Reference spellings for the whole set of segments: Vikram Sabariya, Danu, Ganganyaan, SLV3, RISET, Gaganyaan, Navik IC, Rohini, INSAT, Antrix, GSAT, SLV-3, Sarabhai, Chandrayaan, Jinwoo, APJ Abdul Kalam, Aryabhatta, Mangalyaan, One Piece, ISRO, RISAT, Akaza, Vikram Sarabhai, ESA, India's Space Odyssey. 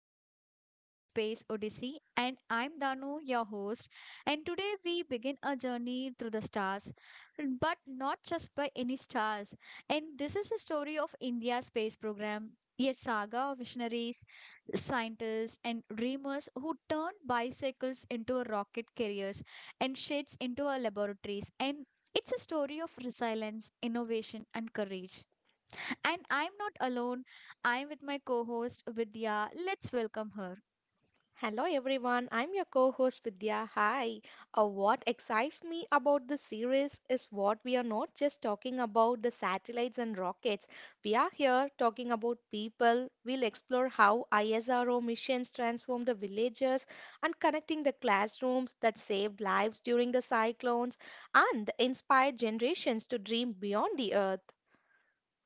India's Space Odyssey. And I'm Danu, your host. And today we begin a journey through the stars, but not just by any stars. And this is a story of India's space program, a saga of visionaries, scientists, and dreamers who turned bicycles into rocket carriers and sheds into our laboratories. And it's a story of resilience, innovation, and courage. And I'm not alone. I'm with my co host, Vidya. Let's welcome her. Hello everyone, I'm your co host Vidya. Hi. What excites me about this series is what we are not just talking about the satellites and rockets. We are here talking about people. We'll explore how ISRO missions transform the villages and connecting the classrooms that saved lives during the cyclones and inspired generations to dream beyond the earth.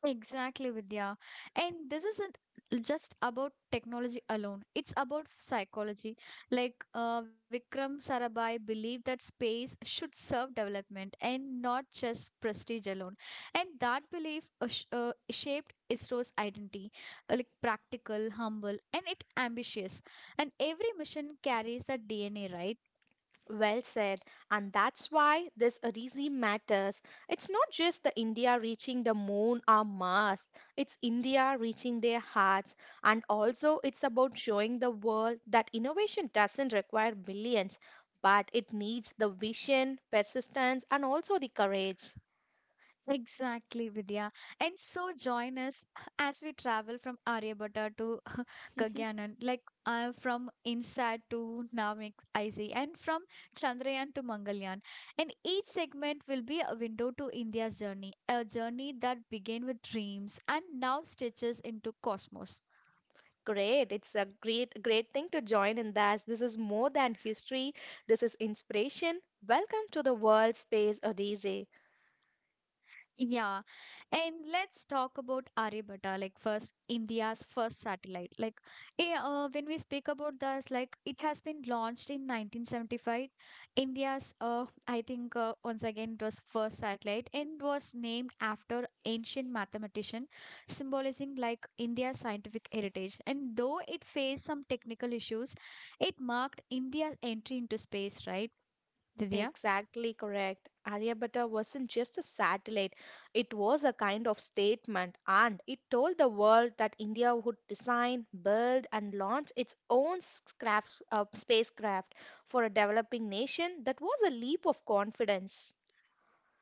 Exactly, Vidya. And this isn't just about technology alone, it's about psychology. Vikram Sarabhai believed that space should serve development and not just prestige alone. And that belief shaped ISRO's identity like practical, humble, and it ambitious. And every mission carries that DNA, right? Well said. And that's why this regime matters. It's not just the India reaching the moon or Mars, it's India reaching their hearts. And also, it's about showing the world that innovation doesn't require billions, but it needs the vision, persistence, and also the courage. Exactly, Vidya. And so join us as we travel from Aryabhatta to Gagyanan, from INSAT to Navik IC, and from Chandrayaan to Mangalyaan. And each segment will be a window to India's journey, a journey that began with dreams and now stretches into cosmos. Great. It's a great, great thing to join in. That this is more than history. This is inspiration. Welcome to the World Space Odyssey. Yeah, and let's talk about Aryabhatta, like first India's first satellite. Like, when we speak about this, like it has been launched in 1975. India's, I think, once again it was first satellite and was named after ancient mathematician, symbolizing like India's scientific heritage. And though it faced some technical issues, it marked India's entry into space, right, Divya? Exactly correct. Aryabhatta wasn't just a satellite, it was a kind of statement, and it told the world that India would design, build, and launch its own spacecraft for a developing nation. That was a leap of confidence.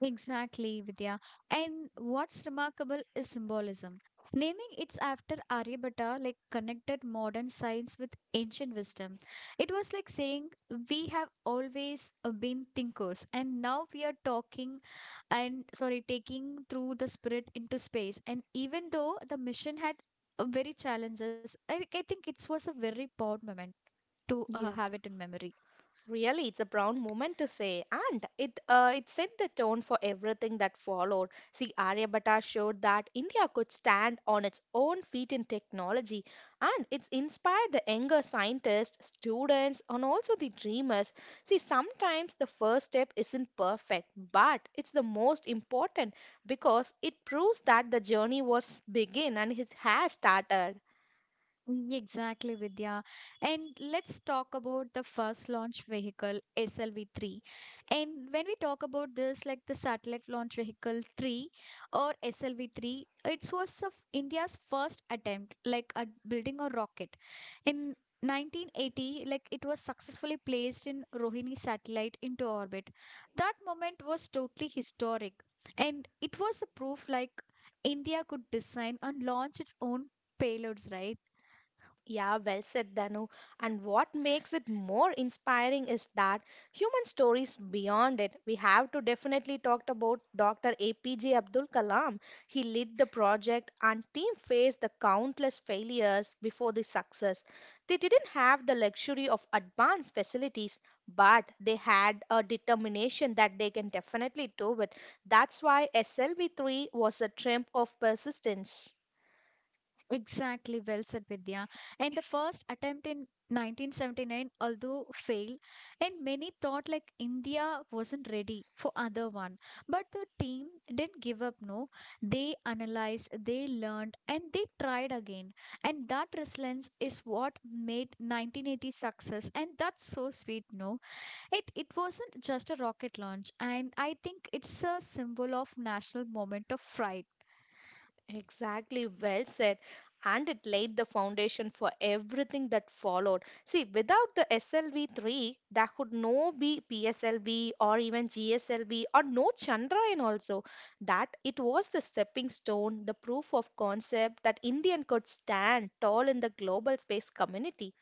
Exactly, Vidya. And what's remarkable is symbolism. Naming it after Aryabhatta like connected modern science with ancient wisdom. It was like saying we have always been thinkers and now we are talking and sorry taking through the spirit into space. And even though the mission had very challenges, I think it was a very proud moment to Yeah. have it in memory. Really, it's a proud moment to say, and it set the tone for everything that followed. See, Aryabhatta showed that India could stand on its own feet in technology, and it's inspired the younger scientists, students, and also the dreamers. See, sometimes the first step isn't perfect, but it's the most important because it proves that the journey was begin and it has started. Mm, exactly, Vidya. And let's talk about the first launch vehicle, SLV-3. And when we talk about this, like the satellite launch vehicle 3 or SLV-3, it was of India's first attempt, like at building a rocket. In 1980, like it was successfully placed in Rohini satellite into orbit. That moment was totally historic, and it was a proof like India could design and launch its own payloads, right? Yeah, well said, Danu. And what makes it more inspiring is that human stories beyond it. We have to definitely talk about Dr. APJ Abdul Kalam. He led the project and team faced the countless failures before the success. They didn't have the luxury of advanced facilities, but they had a determination that they can definitely do it. That's why SLV3 was a triumph of persistence. Exactly, well said, Vidya. And the first attempt in 1979, although failed, and many thought like India wasn't ready for other one. But the team didn't give up, no. They analyzed, they learned, and they tried again. And that resilience is what made 1980 success. And that's so sweet, no. It wasn't just a rocket launch, and I think it's a symbol of national moment of pride. Exactly, well said. And it laid the foundation for everything that followed. See, without the SLV3, there could no be PSLV or even GSLV or no Chandrayaan also. That it was the stepping stone, the proof of concept that Indian could stand tall in the global space community.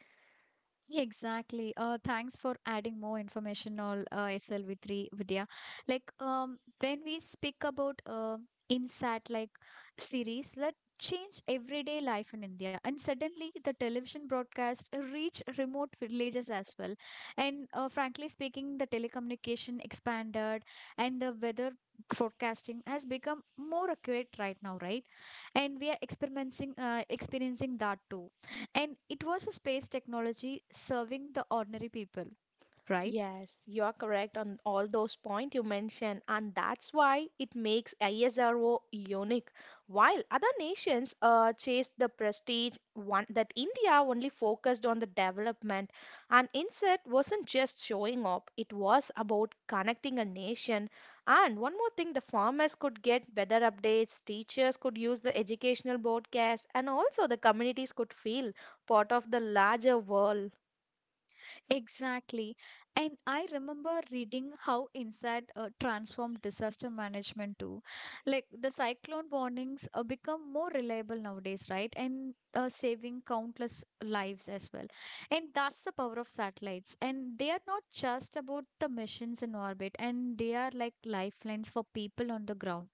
Exactly. Thanks for adding more information on SLV3, Vidya. Like, when we speak about Insat, like series that change everyday life in India, and suddenly the television broadcast reach remote villages as well. And frankly speaking, the telecommunication expanded, and the weather forecasting has become more accurate right now, right? And we are experiencing that too. And it was a space technology serving the ordinary people, right? Yes, you are correct on all those points you mentioned, and that's why it makes ISRO unique. While other nations chased the prestige, one that India only focused on the development, and INSET wasn't just showing up; it was about connecting a nation. And one more thing, the farmers could get better updates, teachers could use the educational broadcast, and also the communities could feel part of the larger world. Exactly. And I remember reading how inside transformed disaster management too. Like the cyclone warnings become more reliable nowadays, right? And saving countless lives as well. And that's the power of satellites. And they are not just about the missions in orbit, and they are like lifelines for people on the ground.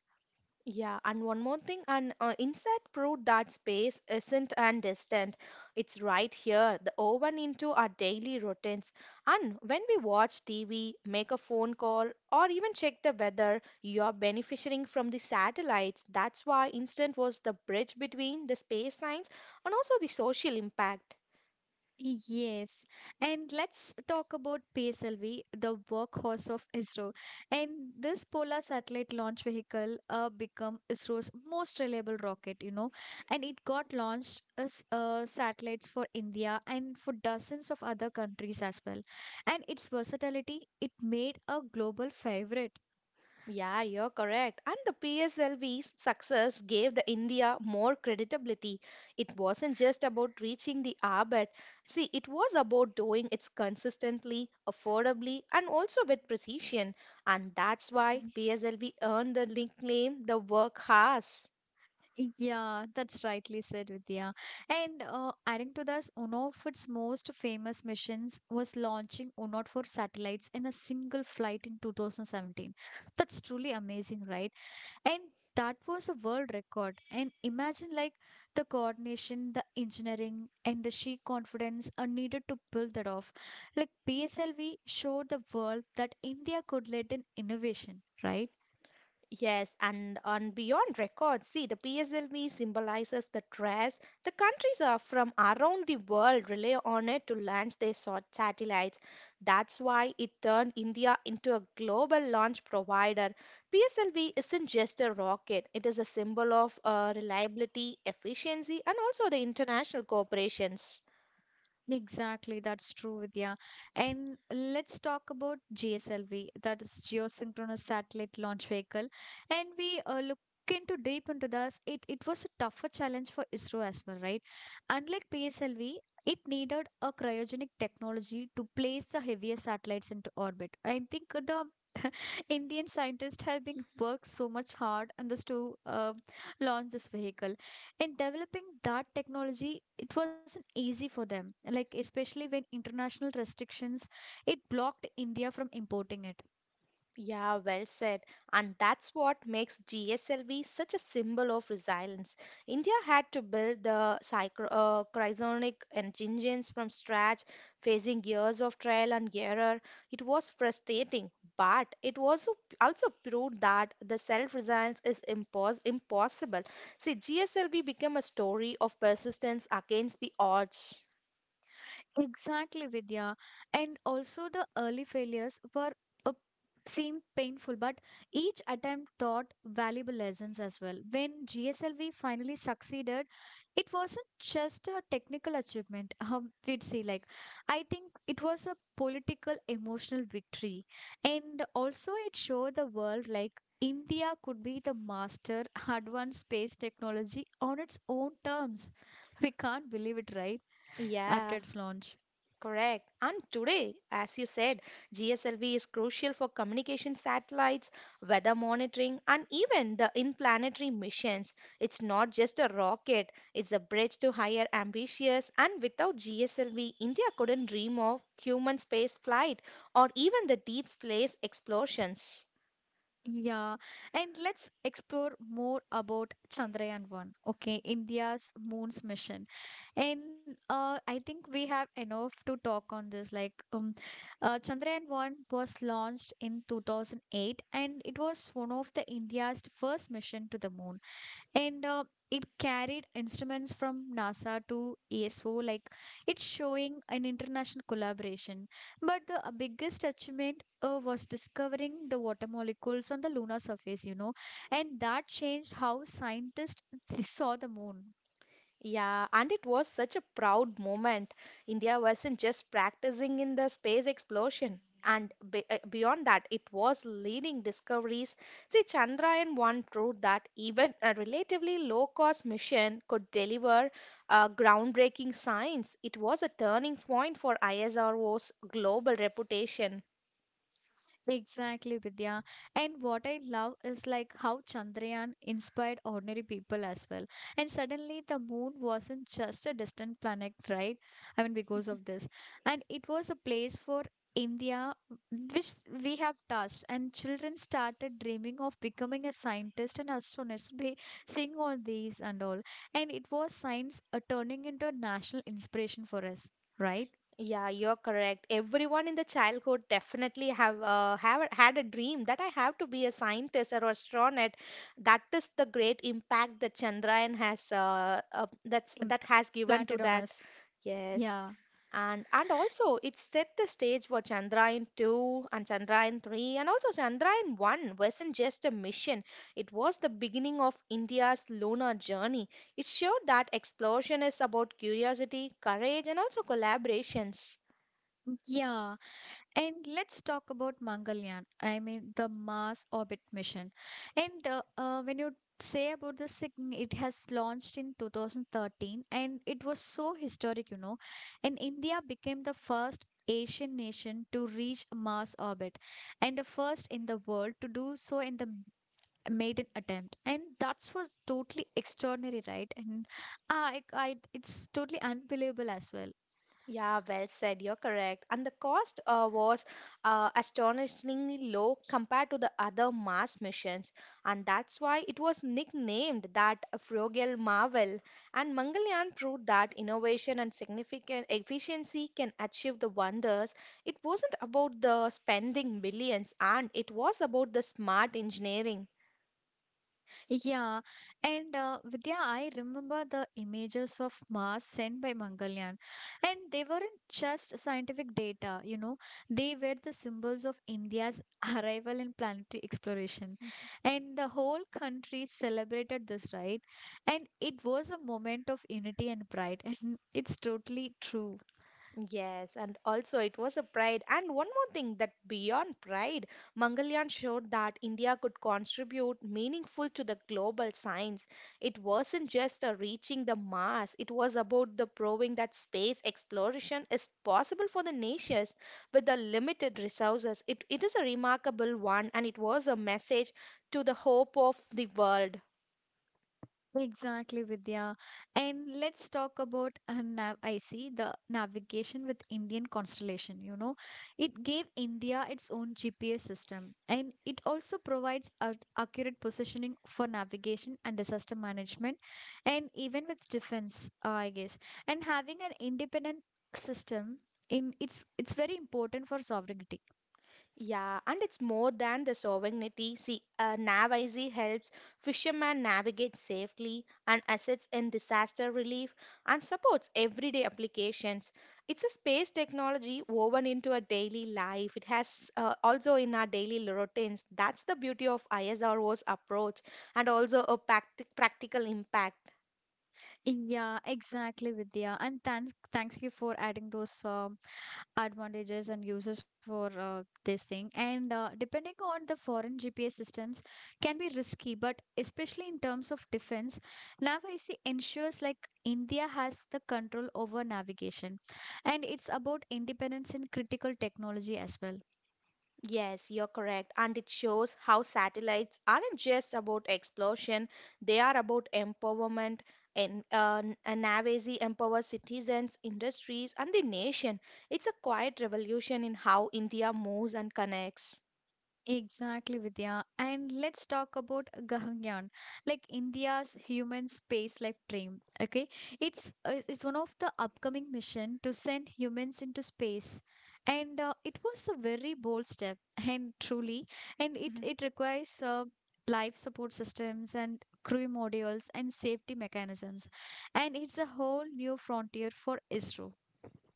Yeah, and one more thing, and insight proved that space isn't and distant. It's right here, the woven into our daily routines. And when we watch TV, make a phone call, or even check the weather, you are benefiting from the satellites. That's why instant was the bridge between the space science and also the social impact. Yes, and let's talk about PSLV, the workhorse of ISRO. And this polar satellite launch vehicle become ISRO's most reliable rocket, you know, and it got launched as satellites for India and for dozens of other countries as well. And its versatility, it made a global favorite. Yeah, you're correct. And the PSLV's success gave the India more credibility. It wasn't just about reaching the orbit. See, it was about doing it consistently, affordably, and also with precision. And that's why PSLV earned the nickname the workhorse. Yeah, that's rightly said, Vidya. And adding to this, one of its most famous missions was launching 104 satellites in a single flight in 2017. That's truly amazing, right? And that was a world record. And imagine like the coordination, the engineering, and the sheer confidence are needed to pull that off. Like PSLV showed the world that India could lead in innovation, right? Yes, and on Beyond Records, see the PSLV symbolizes the dress. The countries are from around the world rely on it to launch their satellites. That's why it turned India into a global launch provider. PSLV isn't just a rocket, it is a symbol of reliability, efficiency, and also the international cooperations. Exactly, that's true, Vidya. And let's talk about GSLV, that is Geosynchronous Satellite Launch Vehicle. And we look into deep into this. It was a tougher challenge for ISRO as well, right? Unlike PSLV, it needed a cryogenic technology to place the heavier satellites into orbit. I think the Indian scientists have been worked so much hard on this to launch this vehicle. In developing that technology, it wasn't easy for them. Like especially when international restrictions, it blocked India from importing it. Yeah, well said. And that's what makes GSLV such a symbol of resilience. India had to build the cryogenic engines from scratch, facing years of trial and error. It was frustrating, but it was also proved that the self-resilience is impossible. See, GSLV became a story of persistence against the odds. Exactly, Vidya. And also the early failures were uh, seemed painful, but each attempt taught valuable lessons as well. When GSLV finally succeeded, it wasn't just a technical achievement, we'd say, like I think it was a political emotional victory, and also it showed the world like India could be the master advanced space technology on its own terms. We can't believe it, right, after Yeah. its launch. Correct. And today, as you said, GSLV is crucial for communication satellites, weather monitoring, and even the in-planetary missions. It's not just a rocket, it's a bridge to higher ambitions. And without GSLV, India couldn't dream of human space flight or even the deep space explorations. Yeah, and let's explore more about Chandrayaan-1, okay, India's moon's mission. And I think we have enough to talk on this. Like, Chandrayaan-1 was launched in 2008 and it was one of the India's first mission to the moon, and it carried instruments from NASA to ESO, like it's showing an international collaboration. But the biggest achievement was discovering the water molecules on the lunar surface, you know, and that changed how scientists saw the moon. Yeah, and it was such a proud moment. India wasn't just practicing in the space explosion. And be beyond that, it was leading discoveries. See, Chandrayaan-1 proved that even a relatively low-cost mission could deliver groundbreaking science. It was a turning point for ISRO's global reputation. Exactly, Vidya. And what I love is like how Chandrayaan inspired ordinary people as well. And suddenly the moon wasn't just a distant planet, right? I mean, because of this. And it was a place for India, which we have touched. And children started dreaming of becoming a scientist and astronauts by seeing all these and all. And it was science turning into a national inspiration for us, right? Yeah, you're correct. Everyone in the childhood definitely have had a dream that I have to be a scientist or astronaut. That is the great impact that Chandrayaan has that has given to Implanted on that. us. Yes. Yeah. And also it set the stage for Chandrayaan 2 and Chandrayaan 3 and also Chandrayaan 1 wasn't just a mission. It was the beginning of India's lunar journey. It showed that exploration is about curiosity, courage, and also collaborations. Yeah. And let's talk about Mangalyaan. I mean, the Mars orbit mission. And when you say about the sign, it has launched in 2013 and it was so historic, you know. And India became the first Asian nation to reach Mars orbit and the first in the world to do so in the maiden attempt, and that's was totally extraordinary, right? And I it's totally unbelievable as well. Yeah, well said. You're correct. And the cost was astonishingly low compared to the other Mars missions. And that's why it was nicknamed that Frogel Marvel. And Mangalyaan proved that innovation and significant efficiency can achieve the wonders. It wasn't about the spending billions, and it was about the smart engineering. Yeah, and Vidya, I remember the images of Mars sent by Mangalyaan, and they weren't just scientific data, you know, they were the symbols of India's arrival in planetary exploration. And the whole country celebrated this, right? And it was a moment of unity and pride, and it's totally true. Yes, and also it was a pride. And one more thing that beyond pride, Mangalyaan showed that India could contribute meaningful to the global science. It wasn't just a reaching the Mars, it was about the proving that space exploration is possible for the nations with the limited resources. It is a remarkable one and it was a message to the hope of the world. Exactly, Vidya. And let's talk about nav I see, the navigation with Indian constellation. You know, it gave India its own GPS system, and it also provides accurate positioning for navigation and disaster management, and even with defense, I guess. And having an independent system in it's very important for sovereignty. Yeah, and it's more than the sovereignty. See, a NavIC helps fishermen navigate safely and assists in disaster relief and supports everyday applications. It's a space technology woven into our daily life. It has also in our daily routines. That's the beauty of ISRO's approach and also a practical impact. Yeah, exactly, Vidya. And thanks you for adding those advantages and uses for this thing. And depending on the foreign GPS systems, can be risky, but especially in terms of defense, NAVIC ensures like India has the control over navigation, and it's about independence in critical technology as well. Yes, you're correct. And it shows how satellites aren't just about explosion, they are about empowerment. And Navasi empowers citizens, industries, and the nation. It's a quiet revolution in how India moves and connects. Exactly, Vidya. And let's talk about Gaganyaan, like India's human space life dream. Okay, it's one of the upcoming mission to send humans into space, and it was a very bold step, and truly, and it Mm-hmm. it requires life support systems and crew modules and safety mechanisms, and it's a whole new frontier for ISRO.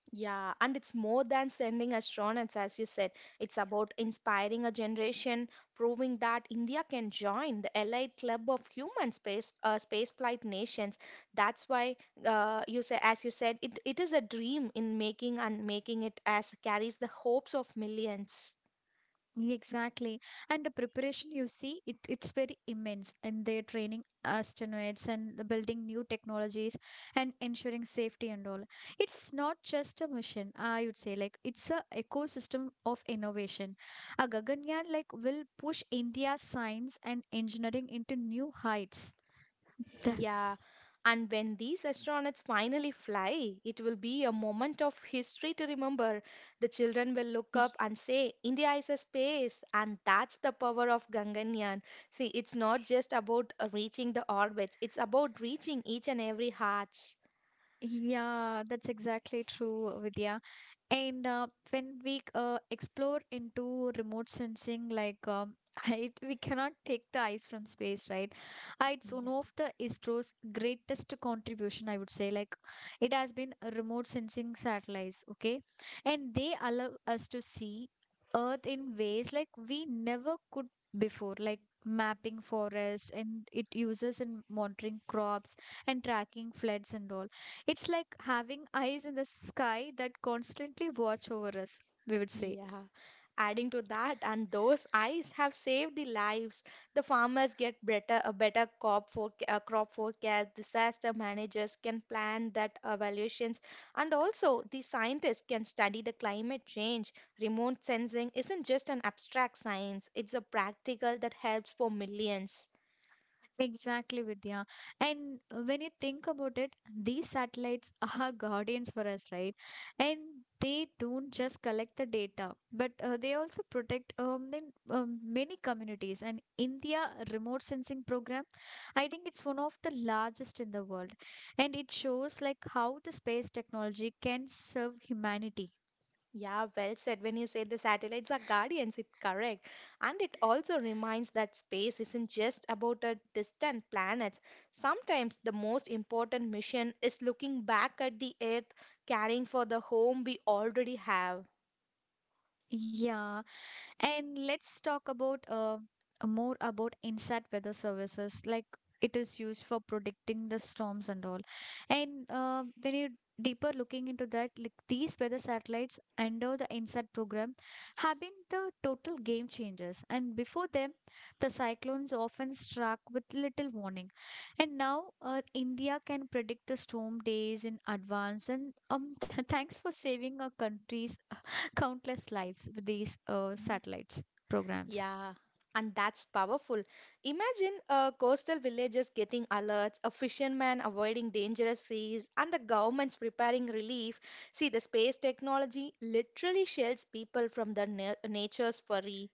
Yeah, and it's more than sending astronauts, as you said. It's about inspiring a generation, proving that India can join the allied club of human spaceflight nations. That's why as you said, it is a dream in making and making it as carries the hopes of millions. Exactly. And the preparation you see, it's very immense. And they're training astronauts and the building new technologies and ensuring safety and all. It's not just a mission, I would say. Like it's a ecosystem of innovation. A Gaganyaan like will push India's science and engineering into new heights. The- Yeah, and when these astronauts finally fly, it will be a moment of history to remember. The children will look y- up and say, India is a space, and that's the power of Ganganyaan. See, it's not just about reaching the orbits, it's about reaching each and every hearts. yeah, that's exactly true, Vidya. And when we explore into remote sensing, like it, we cannot take the eyes from space, right? It's one of the ISRO's greatest contribution, I would say. Like it has been a remote sensing satellites, okay? And they allow us to see Earth in ways like we never could before, like mapping forest, and it uses in monitoring crops and tracking floods and all. It's like having eyes in the sky that constantly watch over us, we would say. Yeah. Adding to that, and those eyes have saved the lives. The farmers get better a better crop for crop forecast. Disaster managers can plan that evaluations, and also the scientists can study the climate change. Remote sensing isn't just an abstract science; it's a practical that helps for millions. Exactly, Vidya. And when you think about it, these satellites are guardians for us, right? And they don't just collect the data, but they also protect many communities. And India remote sensing program, I think it's one of the largest in the world. And it shows like how the space technology can serve humanity. Yeah, well said. When you say the satellites are guardians, it's correct. And it also reminds that space isn't just about a distant planets. Sometimes the most important mission is looking back at the Earth, caring for the home we already have. Yeah. And let's talk about more about INSAT weather services, like it is used for predicting the storms and all. And when you deeper looking into that, like these weather satellites under the INSAT program have been the total game changers. And before them, the cyclones often struck with little warning. And now India can predict the storm days in advance. And thanks for saving our countries countless lives with these Hmm. satellites programs. Yeah, and that's powerful. Imagine coastal villages getting alerts, a fisherman avoiding dangerous seas, and the governments preparing relief. See, the space technology literally shields people from the nature's fury.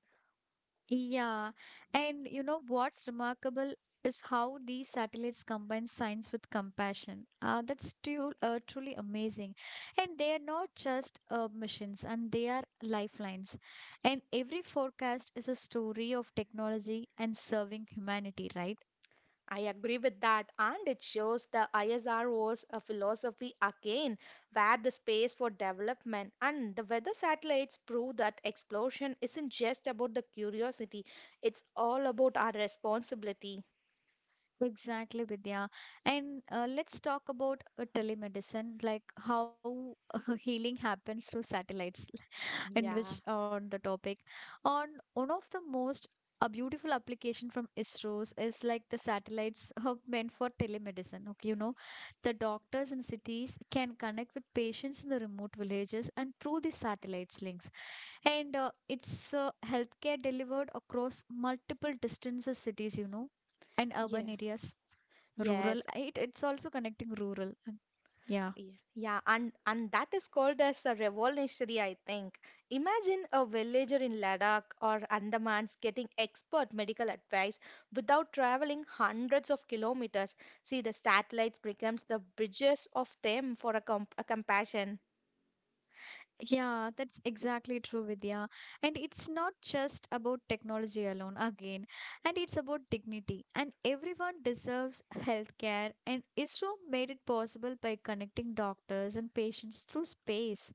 Yeah, and you know what's remarkable is how these satellites combine science with compassion. Truly amazing. And they are not just missions, and they are lifelines. And every forecast is a story of technology and serving humanity, right? I agree with that, and it shows the ISRO's philosophy again, where the space for development and the weather satellites prove that exploration isn't just about the curiosity, it's all about our responsibility. Exactly, Vidya. And let's talk about telemedicine, like how healing happens through satellites, and which Yeah. on the topic. On one of the most a beautiful application from ISRO's is like the satellites are meant for telemedicine. Okay, you know, the doctors in cities can connect with patients in the remote villages and through the satellites links. And it's healthcare delivered across multiple distances, cities, you know, and urban Yeah, areas rural yes, it's also connecting rural and- yeah, yeah, yeah, and that is called as a revolutionary, I think. Imagine a villager in Ladakh or Andamans getting expert medical advice without traveling hundreds of kilometers. See, the satellites becomes the bridges of them for a, com a compassion. yeah, that's exactly true, Vidya. And it's not just about technology alone again, and it's about dignity, and everyone deserves healthcare, and ISRO made it possible by connecting doctors and patients through space.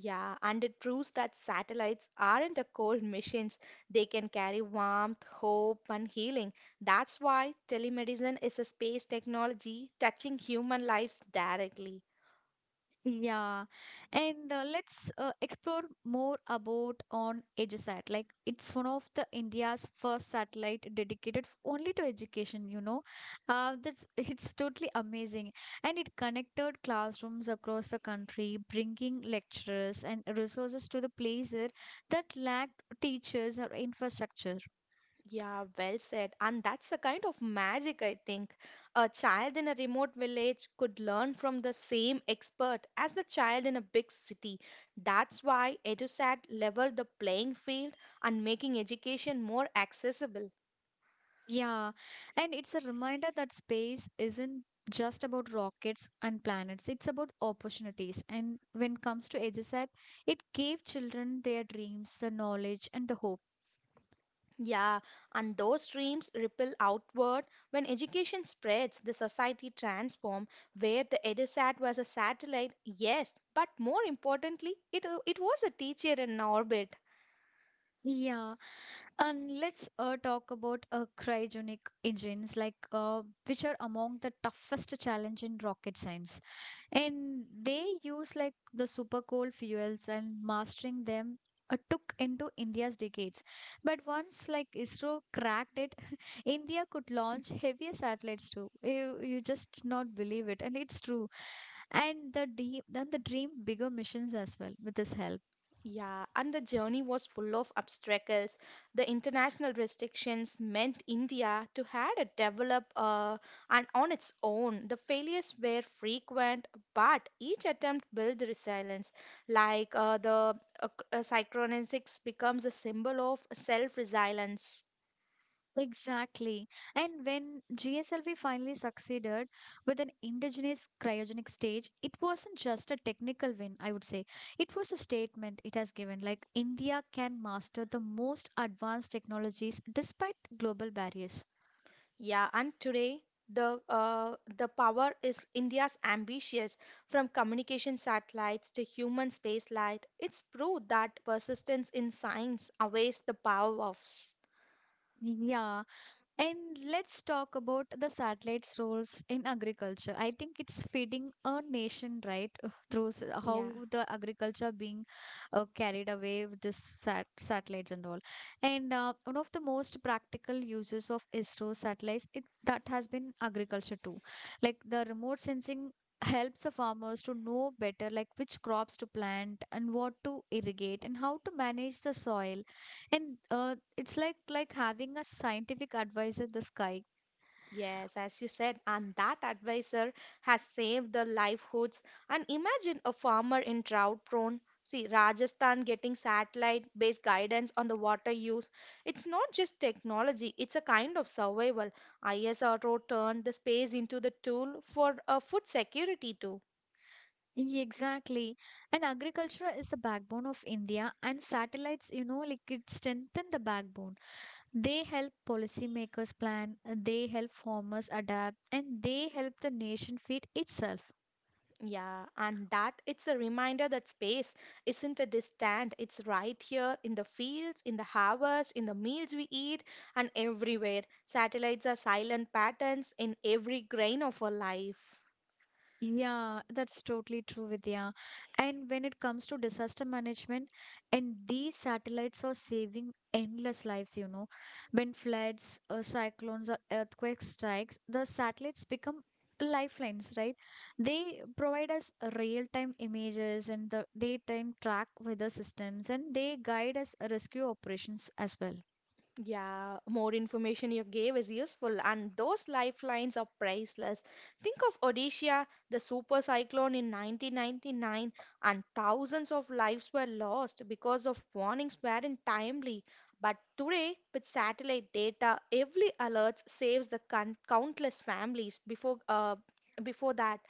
Yeah, and it proves that satellites aren't a cold machines. They can carry warmth, hope, and healing. That's why telemedicine is a space technology touching human lives directly. Yeah, and let's explore more about on EduSat. Like it's one of the India's first satellite dedicated only to education, you know. That's It's totally amazing, and it connected classrooms across the country, bringing lecturers and resources to the places that lacked teachers or infrastructure. Yeah, well said. And that's a kind of magic, I think. A child in a remote village could learn from the same expert as the child in a big city. That's why EduSat leveled the playing field and making education more accessible. Yeah, and it's a reminder that space isn't just about rockets and planets. It's about opportunities. And when it comes to AGSAT, it gave children their dreams, the knowledge, and the hope. Yeah, and those dreams ripple outward. When education spreads, the society transforms, where the EduSat was a satellite, yes, but more importantly, it was a teacher in orbit. Yeah. And let's talk about cryogenic engines, which are among the toughest challenge in rocket science. And they use like the super cold fuels, and mastering them took into India's decades. But once like ISRO cracked it, India could launch heavier satellites too. You just not believe it, and it's true. Then the dream bigger missions as well with this help. Yeah, and the journey was full of obstacles. The international restrictions meant India to had to develop and on its own. The failures were frequent, but each attempt built resilience. Like uh, the Psychronesics becomes a symbol of self-resilience. Exactly. And when GSLV finally succeeded with an indigenous cryogenic stage, it wasn't just a technical win, I would say. It was a statement it has given, like India can master the most advanced technologies despite global barriers. Yeah, and today the power is India's ambitious from communication satellites to human spaceflight. It's proof that persistence in science outweighs the power of s- Yeah. And let's talk about the satellite's roles in agriculture. I think it's feeding a nation, right? Through how yeah. the agriculture being carried away with the satellites and all. And one of the most practical uses of ISRO satellites, that has been agriculture too. Like the remote sensing helps the farmers to know better like which crops to plant and what to irrigate and how to manage the soil, and it's like having a scientific advisor in the sky. Yes, as you said, and that advisor has saved the livelihoods. And imagine a farmer in drought prone. See, Rajasthan getting satellite based guidance on the water use. It's not just technology, it's a kind of survival. ISRO turned the space into the tool for food security, too. Exactly. And agriculture is the backbone of India, and satellites, you know, like it strengthen the backbone. They help policymakers plan, they help farmers adapt, and they help the nation feed itself. Yeah, and that it's a reminder that space isn't a distant, it's right here in the fields, in the harvest, in the meals we eat, and everywhere. Satellites are silent patterns in every grain of our life. Yeah, that's totally true, Vidya. And when it comes to disaster management, and these satellites are saving endless lives, you know. When floods, cyclones, or earthquake strikes, the satellites become lifelines, right? They provide us real-time images and the daytime track weather systems, and they guide us rescue operations as well. Yeah, more information you gave is useful, and those lifelines are priceless. Think of Odisha, the super cyclone in 1999, and thousands of lives were lost because of warnings weren't timely. But today, with satellite data, every alert saves the countless families before before that.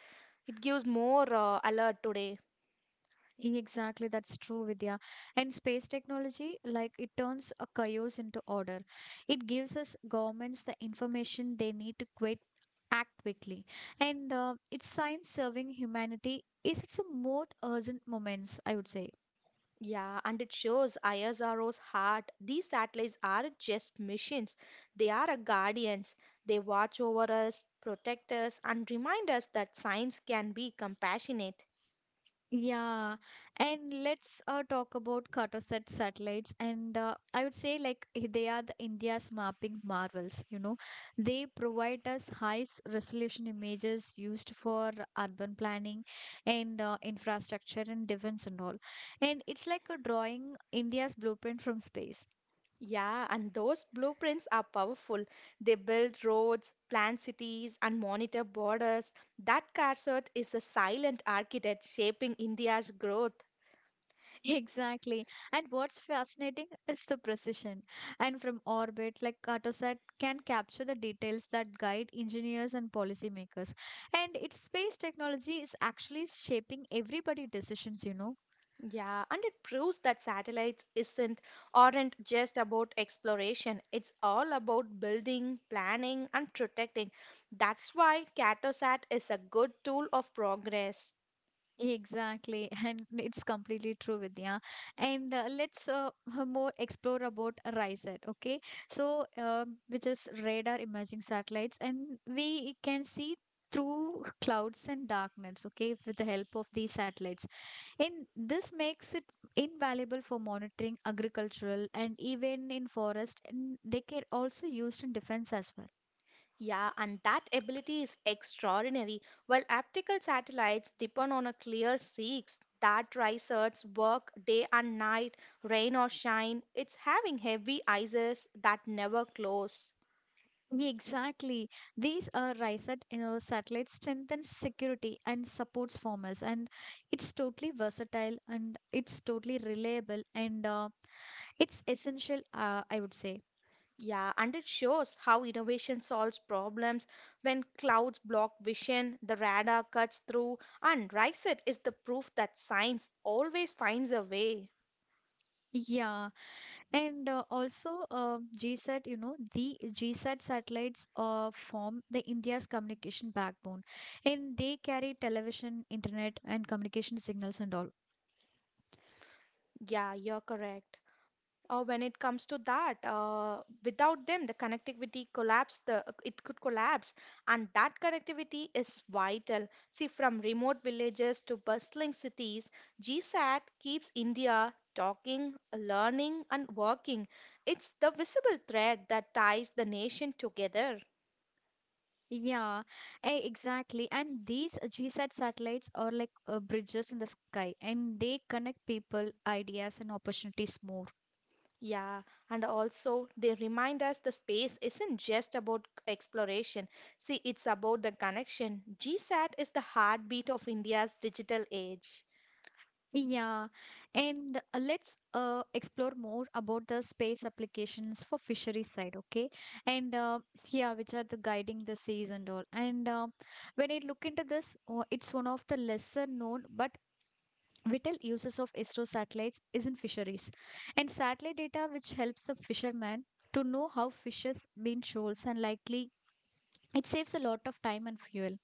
It gives more alert today. Exactly, that's true, Vidya. And space technology, like it turns a chaos into order. It gives us governments the information they need to quit, act quickly. And it's science serving humanity. Is it's a most urgent moments, I would say. Yeah, and it shows ISRO's heart. These satellites aren't just missions, they are our guardians. They watch over us, protect us, and remind us that science can be compassionate. Yeah, and let's talk about Cartosat satellites. And I would say, like, they are the India's mapping marvels. You know, they provide us high resolution images used for urban planning and infrastructure and defense and all. And it's like a drawing India's blueprint from space. Yeah, and those blueprints are powerful. They build roads, plan cities, and monitor borders. That CARSAT is a silent architect shaping India's growth. Exactly. And what's fascinating is the precision. And from orbit, like Cartosat can capture the details that guide engineers and policymakers. And its space technology is actually shaping everybody's decisions, you know. Yeah, and it proves that satellites isn't aren't just about exploration. It's all about building, planning, and protecting. That's why CatoSat is a good tool of progress. Exactly, and it's completely true, Vidya. And let's more explore about RISAT, okay? So, which is radar imaging satellites, and we can see through clouds and dark nets, okay, with the help of these satellites. In this makes it invaluable for monitoring agricultural and even in forest, and they can also used in defense as well. Yeah, and that ability is extraordinary. While optical satellites depend on a clear six, that research work day and night, rain or shine. It's having heavy eyes that never close. Yeah, exactly. These are RISAT, you know, satellite strengthens security and supports farmers, and it's totally versatile, and it's totally reliable, and it's essential, I would say. Yeah, and it shows how innovation solves problems when clouds block vision, the radar cuts through, and RISET is the proof that science always finds a way. Yeah. And also, GSAT, you know, the GSAT satellites form the India's communication backbone, and they carry television, internet, and communication signals and all. Yeah, you're correct. Or when it comes to that, without them, the connectivity collapse. The It could collapse, and that connectivity is vital. See, from remote villages to bustling cities, GSAT keeps India talking, learning, and working. It's the visible thread that ties the nation together. Yeah, exactly. And these GSAT satellites are like bridges in the sky, and they connect people, ideas, and opportunities more. Yeah, and also they remind us the space isn't just about exploration. See, it's about the connection. GSAT is the heartbeat of India's digital age. Yeah, and let's explore more about the space applications for fisheries side, okay? And yeah, which are the guiding the seas and all. And when I look into this, it's one of the lesser known but vital uses of ISRO satellites is in fisheries, and satellite data which helps the fisherman to know how fishes been shoals and likely. It saves a lot of time and fuel.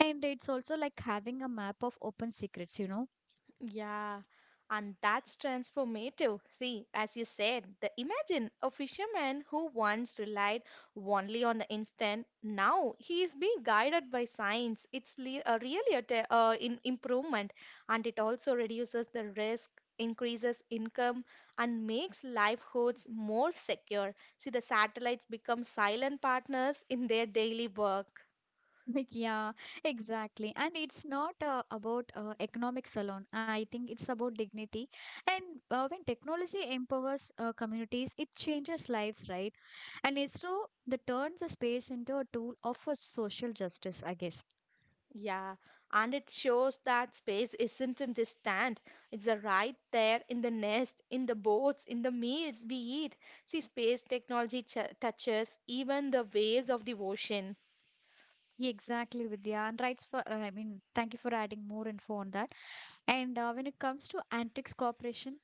And it's also like having a map of open secrets, you know. Yeah, and that's transformative. See, as you said, the imagine a fisherman who once relied only on the instant. Now he is being guided by science. It's really a in improvement, and it also reduces the risk, increases income, and makes livelihoods more secure. See, the satellites become silent partners in their daily work. Like, yeah, exactly. And it's not about economics alone. I think it's about dignity. And when technology empowers communities, it changes lives, right? And ISRO that turns the space into a tool of a social justice, I guess. Yeah, and it shows that space isn't in distant. It's a right there in the nest, in the boats, in the meals we eat. See, space technology ch touches even the waves of the ocean. Exactly, Vidya. And rights for, I mean, thank you for adding more info on that. And when it comes to antiques corporation,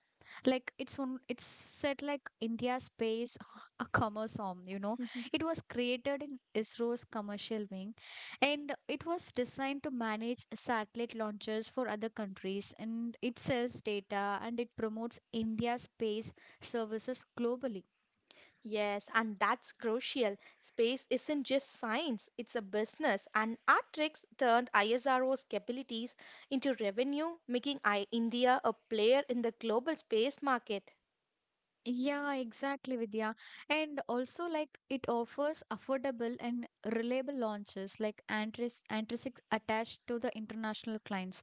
it's said like India's space a commerce arm. You know, it was created in ISRO's commercial wing, and it was designed to manage satellite launches for other countries. And it sells data and it promotes India's space services globally. Yes, and that's crucial. Space isn't just science, it's a business, and our tricks turned ISRO's capabilities into revenue, making I India a player in the global space market. Yeah, exactly, Vidya. And also, like, it offers affordable and reliable launches, like Antrisics attached to the international clients.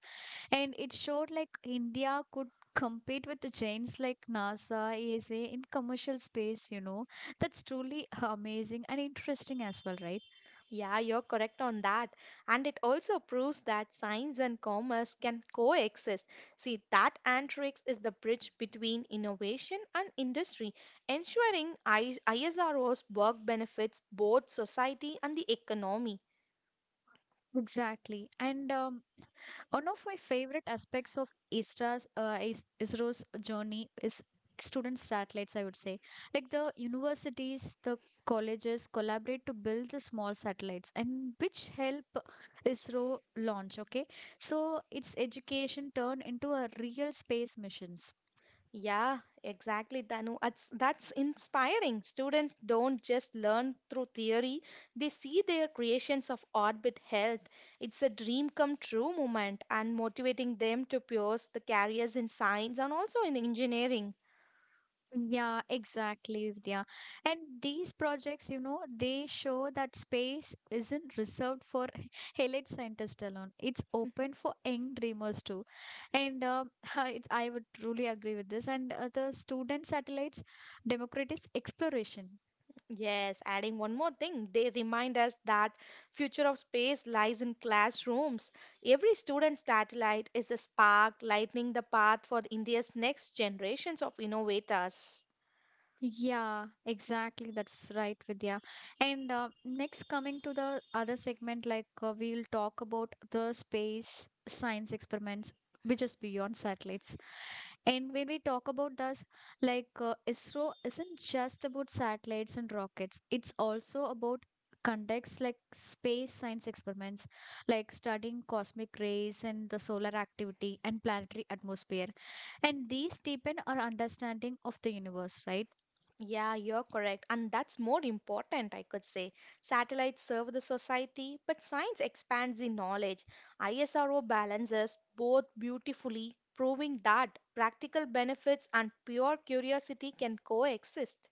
And it showed like India could compete with the giants like NASA, ESA in commercial space, you know. That's truly amazing and interesting as well, right? Yeah, you're correct on that. And it also proves that science and commerce can coexist. See, that Antrix is the bridge between innovation and industry, ensuring ISRO's work benefits both society and the economy. Exactly. And one of my favorite aspects of ISRO's journey is student satellites, I would say. Like the universities, the colleges collaborate to build the small satellites and which help ISRO launch, okay? So it's education turned into a real space missions. Yeah, exactly, Danu. That's inspiring. Students don't just learn through theory, they see their creations of orbit health. It's a dream come true moment and motivating them to pursue the careers in science and also in engineering. Yeah, exactly, Vidya. And these projects, you know, they show that space isn't reserved for elite scientists alone. It's open for young dreamers too. And it's, I would truly agree with this. And the student satellites democratize exploration. Yes, adding one more thing, they remind us that future of space lies in classrooms. Every student's satellite is a spark lighting the path for India's next generations of innovators. Yeah, exactly. That's right, Vidya. And next, coming to the other segment, like we'll talk about the space science experiments, which is beyond satellites. And when we talk about this, ISRO isn't just about satellites and rockets, it's also about conducts like space science experiments, like studying cosmic rays and the solar activity and planetary atmosphere, and these deepen our understanding of the universe, right? Yeah, you're correct. And that's more important, I could say. Satellites serve the society, but science expands the knowledge. ISRO balances both beautifully, proving that practical benefits and pure curiosity can coexist.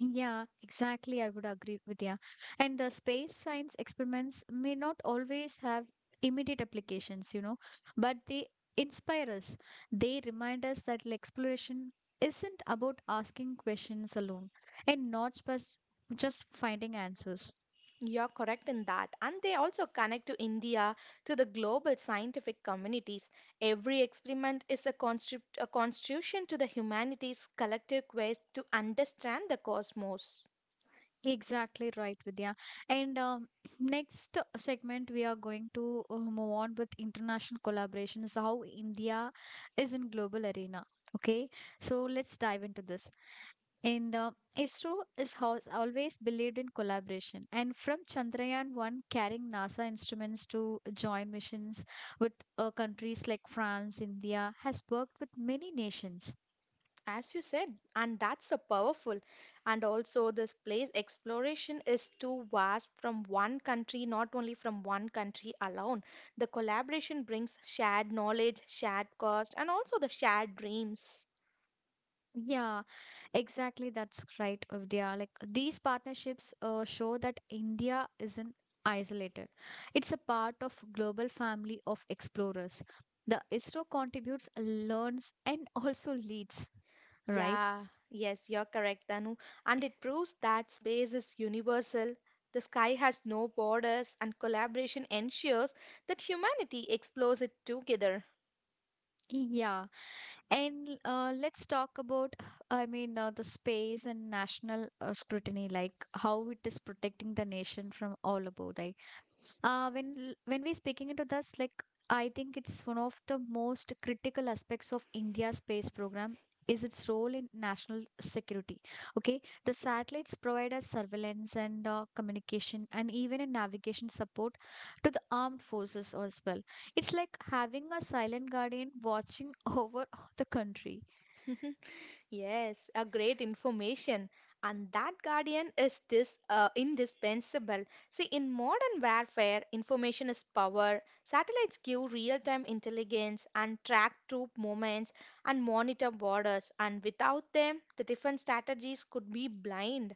Yeah, exactly. I would agree with, yeah. And the space science experiments may not always have immediate applications, you know, but they inspire us. They remind us that like, exploration isn't about asking questions alone and not just just finding answers. You're correct in that. And they also connect to India to the global scientific communities. Every experiment is a, a contribution to the humanity's collective quest to understand the cosmos. Exactly right, Vidya. And next segment, we are going to move on with international collaborations, how India is in global arena. Okay, so let's dive into this. And ISRO is has always believed in collaboration. And from Chandrayaan 1 carrying NASA instruments to joint missions with countries like France, India has worked with many nations. As you said, and that's a powerful. And also, this place exploration is too vast from one country, not only from one country alone. The collaboration brings shared knowledge, shared cost, and also the shared dreams. Yeah, exactly, that's right, Vidya. Like these partnerships show that India isn't isolated. It's a part of global family of explorers. The ISRO contributes, learns, and also leads, right? Yeah, yes, you're correct, Danu. And it proves that space is universal. The sky has no borders, and collaboration ensures that humanity explores it together. Yeah, and let's talk about, I mean, the space and national scrutiny, like how it is protecting the nation from all above. Like, when we speaking into this, like I think it's one of the most critical aspects of India's space program is its role in national security. Okay, the satellites provide us surveillance and communication and even in navigation support to the armed forces as well. It's like having a silent guardian watching over the country. Yes, a great information. And that guardian is this indispensable. See, in modern warfare, information is power. Satellites give real-time intelligence and track troop movements and monitor borders. And without them, the different strategies could be blind.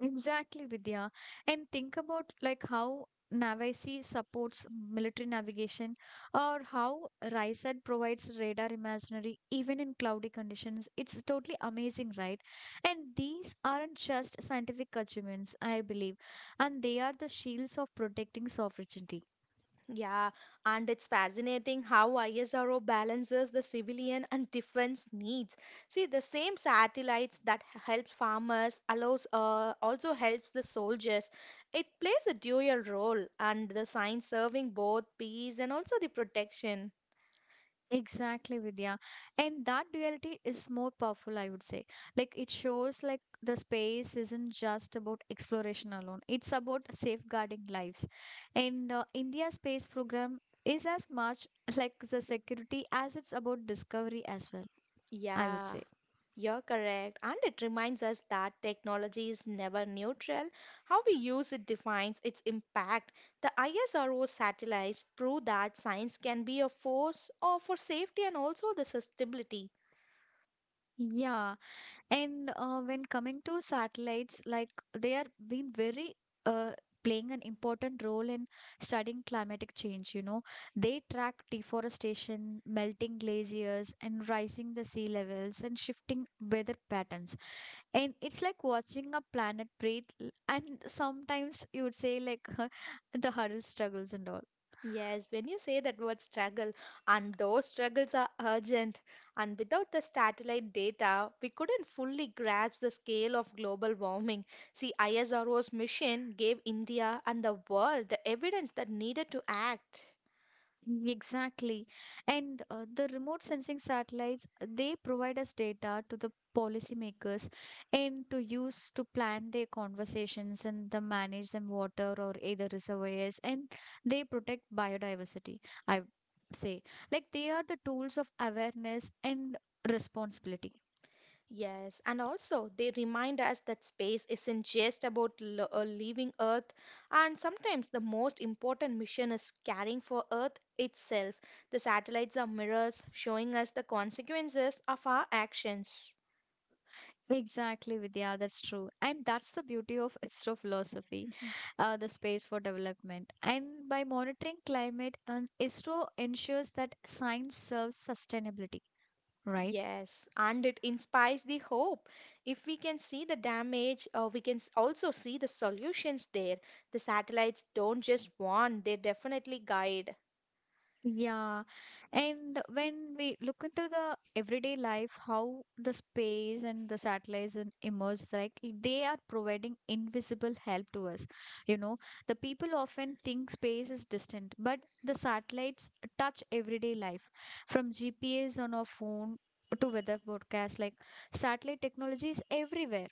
Exactly, Vidya. And think about like how Navasi supports military navigation or how RISAT provides radar imaginary even in cloudy conditions. It's totally amazing, right? And these aren't just scientific achievements, I believe, and they are the shields of protecting sovereignty. Yeah, and it's fascinating how ISRO balances the civilian and defense needs. See, the same satellites that helps farmers allows also helps the soldiers. It plays a dual role, and the science serving both peace and also the protection. Exactly, Vidya. And that duality is more powerful, I would say. Like it shows like the space isn't just about exploration alone. It's about safeguarding lives. And India Space Program is as much like the security as it's about discovery as well, I would Yeah. say. You're correct, and it reminds us that technology is never neutral. How we use it defines its impact. The ISRO satellites prove that science can be a force or for safety and also the sustainability. Yeah. And when coming to satellites, like they are being very uh, playing an important role in studying climatic change. You know, they track deforestation, melting glaciers, and rising the sea levels and shifting weather patterns. And it's like watching a planet breathe. And sometimes you would say like the huddle struggles and all. Yes, when you say that word struggle, and those struggles are urgent, and without the satellite data, we couldn't fully grasp the scale of global warming. See, ISRO's mission gave India and the world the evidence that needed to act. Exactly. And the remote sensing satellites, they provide us data to the policymakers and to use to plan their conversations and the manage them water or either reservoirs, and they protect biodiversity, I would say. Like they are the tools of awareness and responsibility. Yes, and also they remind us that space isn't just about leaving Earth, and sometimes the most important mission is caring for Earth itself. The satellites are mirrors showing us the consequences of our actions. Exactly, Vidya, that's true. And that's the beauty of astrophilosophy. Mhm. The space for development. And by monitoring climate, and ISRO ensures that science serves sustainability, right? Yes, and it inspires the hope. If we can see the damage, we can also see the solutions there. The satellites don't just warn, they definitely guide. Yeah. And when we look into the everyday life, how the space and the satellites and emerge, like they are providing invisible help to us. You know, the people often think space is distant, but the satellites touch everyday life from GPS on our phone to weather broadcast like satellite technology is everywhere.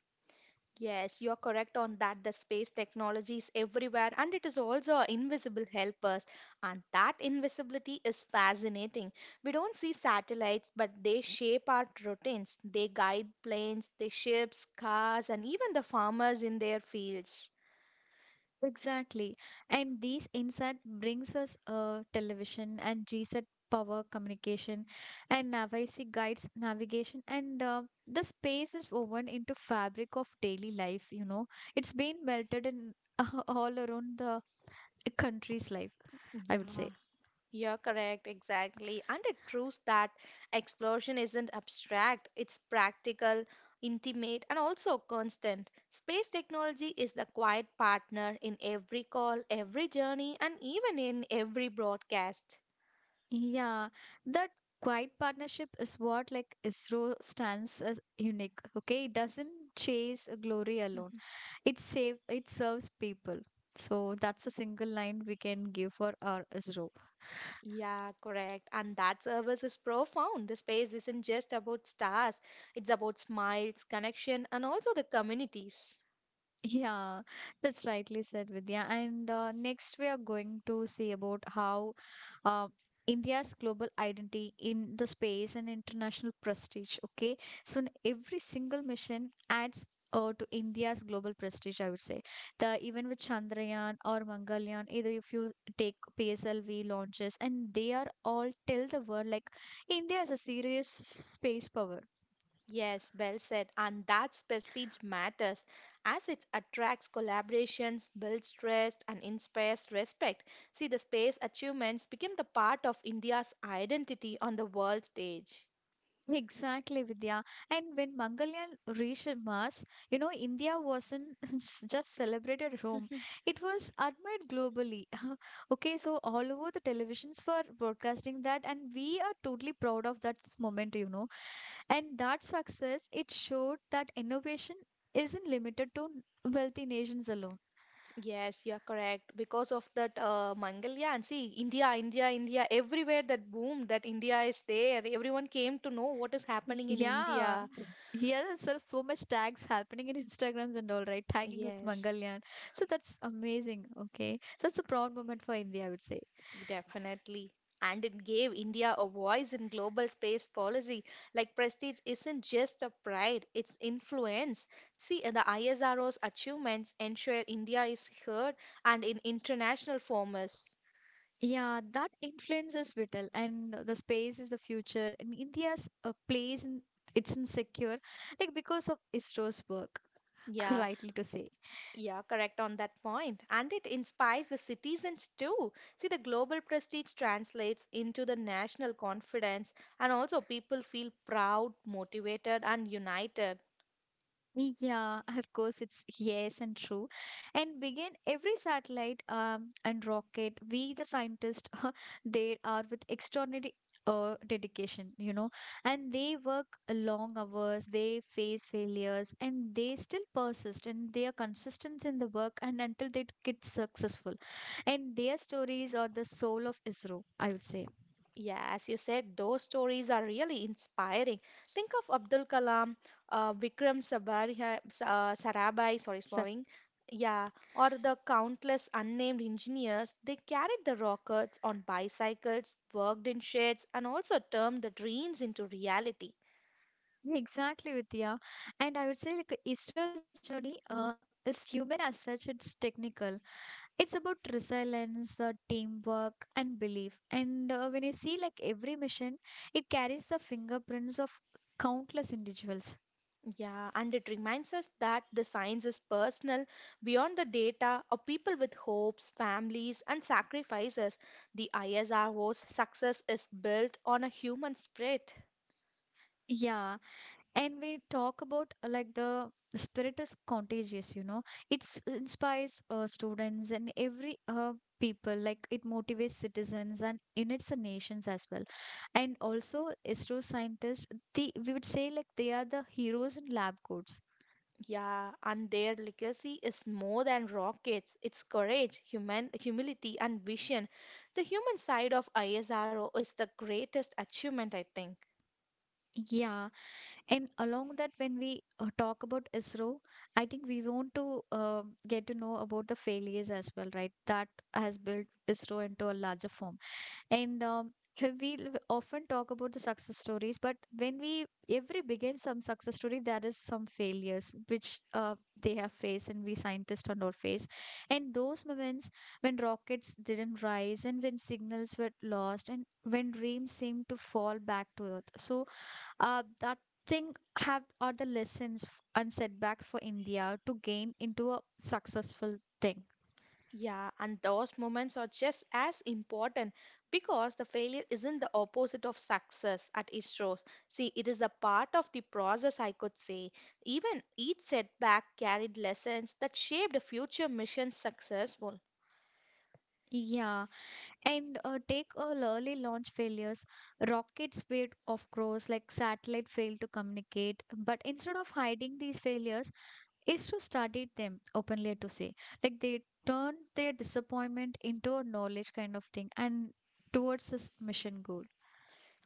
Yes, you're correct on that. The space technology is everywhere and it is also our invisible helpers. And that invisibility is fascinating. We don't see satellites, but they shape our routines. They guide planes, they ships, cars, and even the farmers in their fields. Exactly. And these insight brings us television and reset power communication, and NAVIC guides navigation, and the space is woven into fabric of daily life, you know. It's been melted in all around the country's life, I would Yeah. say. You're correct, exactly. And it proves that explosion isn't abstract, it's practical, intimate, and also constant. Space technology is the quiet partner in every call, every journey, and even in every broadcast. Yeah, that quiet partnership is what like ISRO stands as unique, okay? It doesn't chase glory alone. Mhm. It serves people, so that's a single line we can give for our ISRO. Yeah, correct. And that service is profound. The space isn't just about stars, it's about smiles, connection, and also the communities. Yeah, that's rightly said, Vidya. And next, we are going to see about how uh, India's global identity in the space and international prestige. Okay, so every single mission adds. To India's global prestige, I would say. The even with Chandrayaan or Mangalyaan, either if you take PSLV launches, and they are all tell the world like India is a serious space power. Yes, well said. And that's prestige matters as it attracts collaborations, builds trust, and inspires respect. See, the space achievements became the part of India's identity on the world stage. Exactly, Vidya. And when Mangalyaan reached Mars, you know, India wasn't just celebrated at home; Mhm. it was admired globally. Okay, so all over the televisions were broadcasting that, and we are totally proud of that moment, you know. And that success, it showed that innovation isn't limited to wealthy nations alone. Yes, you're correct. Because of that Mangalyaan, see, India, everywhere that boom, that India is there. Everyone came to know what is happening in Yeah. India. Yeah, there's so much tags happening in Instagrams and all, right? Tagging with Yes. Mangalyaan. So that's amazing. Okay. So that's a proud moment for India, I would say. Definitely. And it gave India a voice in global space policy. Like prestige isn't just a pride, it's influence. See, the ISRO's achievements ensure India is heard and in international formats. Yeah, that influence is vital, and the space is the future. And India's place in it's insecure, like because of ISRO's work, Yeah, rightly to say. yeah, correct on that point. And it inspires the citizens too. See, the global prestige translates into the national confidence, and also people feel proud, motivated, and united. Yeah, of course, it's yes and true. And begin every satellite and rocket, we the scientists, they are with extraordinary dedication, you know, and they work long hours, they face failures, and they still persist and they are consistent in the work and until they get successful. And their stories are the soul of ISRO, I would say. Yeah, as you said, those stories are really inspiring. Think of Abdul Kalam, Vikram Sabariya, Sarabhai, sorry, So, sparring. Yeah, or the countless unnamed engineers. They carried the rockets on bicycles, worked in sheds, and also turned the dreams into reality. yeah, exactly, Vidya. And I would say like Easter's journey is human as such, it's technical. It's about resilience, teamwork, and belief. And when you see like every mission, it carries the fingerprints of countless individuals. Yeah, and it reminds us that the science is personal, beyond the data of people with hopes, families, and sacrifices. The ISRO's success is built on a human spirit. Yeah, and we talk about like the spirit is contagious, you know, it's inspires students and every people, like it motivates citizens and units and nations as well, and also astro scientists. The we would say like they are the heroes in lab coats. Yeah, and their legacy is more than rockets. It's courage, human humility, and vision. The human side of ISRO is the greatest achievement, I think. Yeah, and along that when we talk about ISRO, I think we want to get to know about the failures as well, right, that has built ISRO into a larger form. And we often talk about the success stories, but when we every begins some success story, there is some failures which they have faced, and we scientists on our face. And those moments when rockets didn't rise, and when signals were lost, and when dreams seemed to fall back to earth. So that thing have are the lessons and setbacks for India to gain into a successful thing. Yeah, and those moments are just as important because the failure isn't the opposite of success at its source. See, it is a part of the process, I could say. Even each setback carried lessons that shaped future mission success. Yeah. And take all early launch failures. Rockets failed, of course, like satellite failed to communicate. But instead of hiding these failures, is to study them openly to say. Like they turned their disappointment into a knowledge kind of thing and towards this mission goal.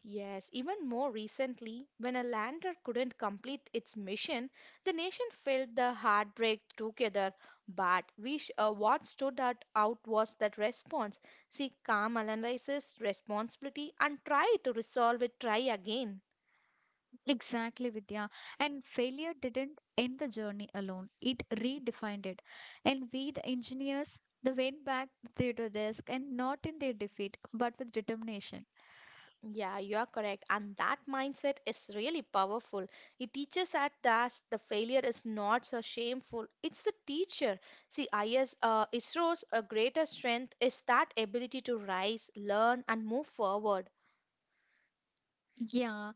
Yes, even more recently, when a lander couldn't complete its mission, the nation felt the heartbreak together. But what stood out was that response. See, calm analysis responsibility and try to resolve it, try again. Exactly, Vidya. And failure didn't end the journey alone. It redefined it. And we, the engineers, they went back to their desk and not in their defeat, but with determination. Yeah, you are correct. And that mindset is really powerful. It teaches us that the failure is not so shameful. It's the teacher. See, ISRO's greatest strength is that ability to rise, learn, and move forward. Yeah.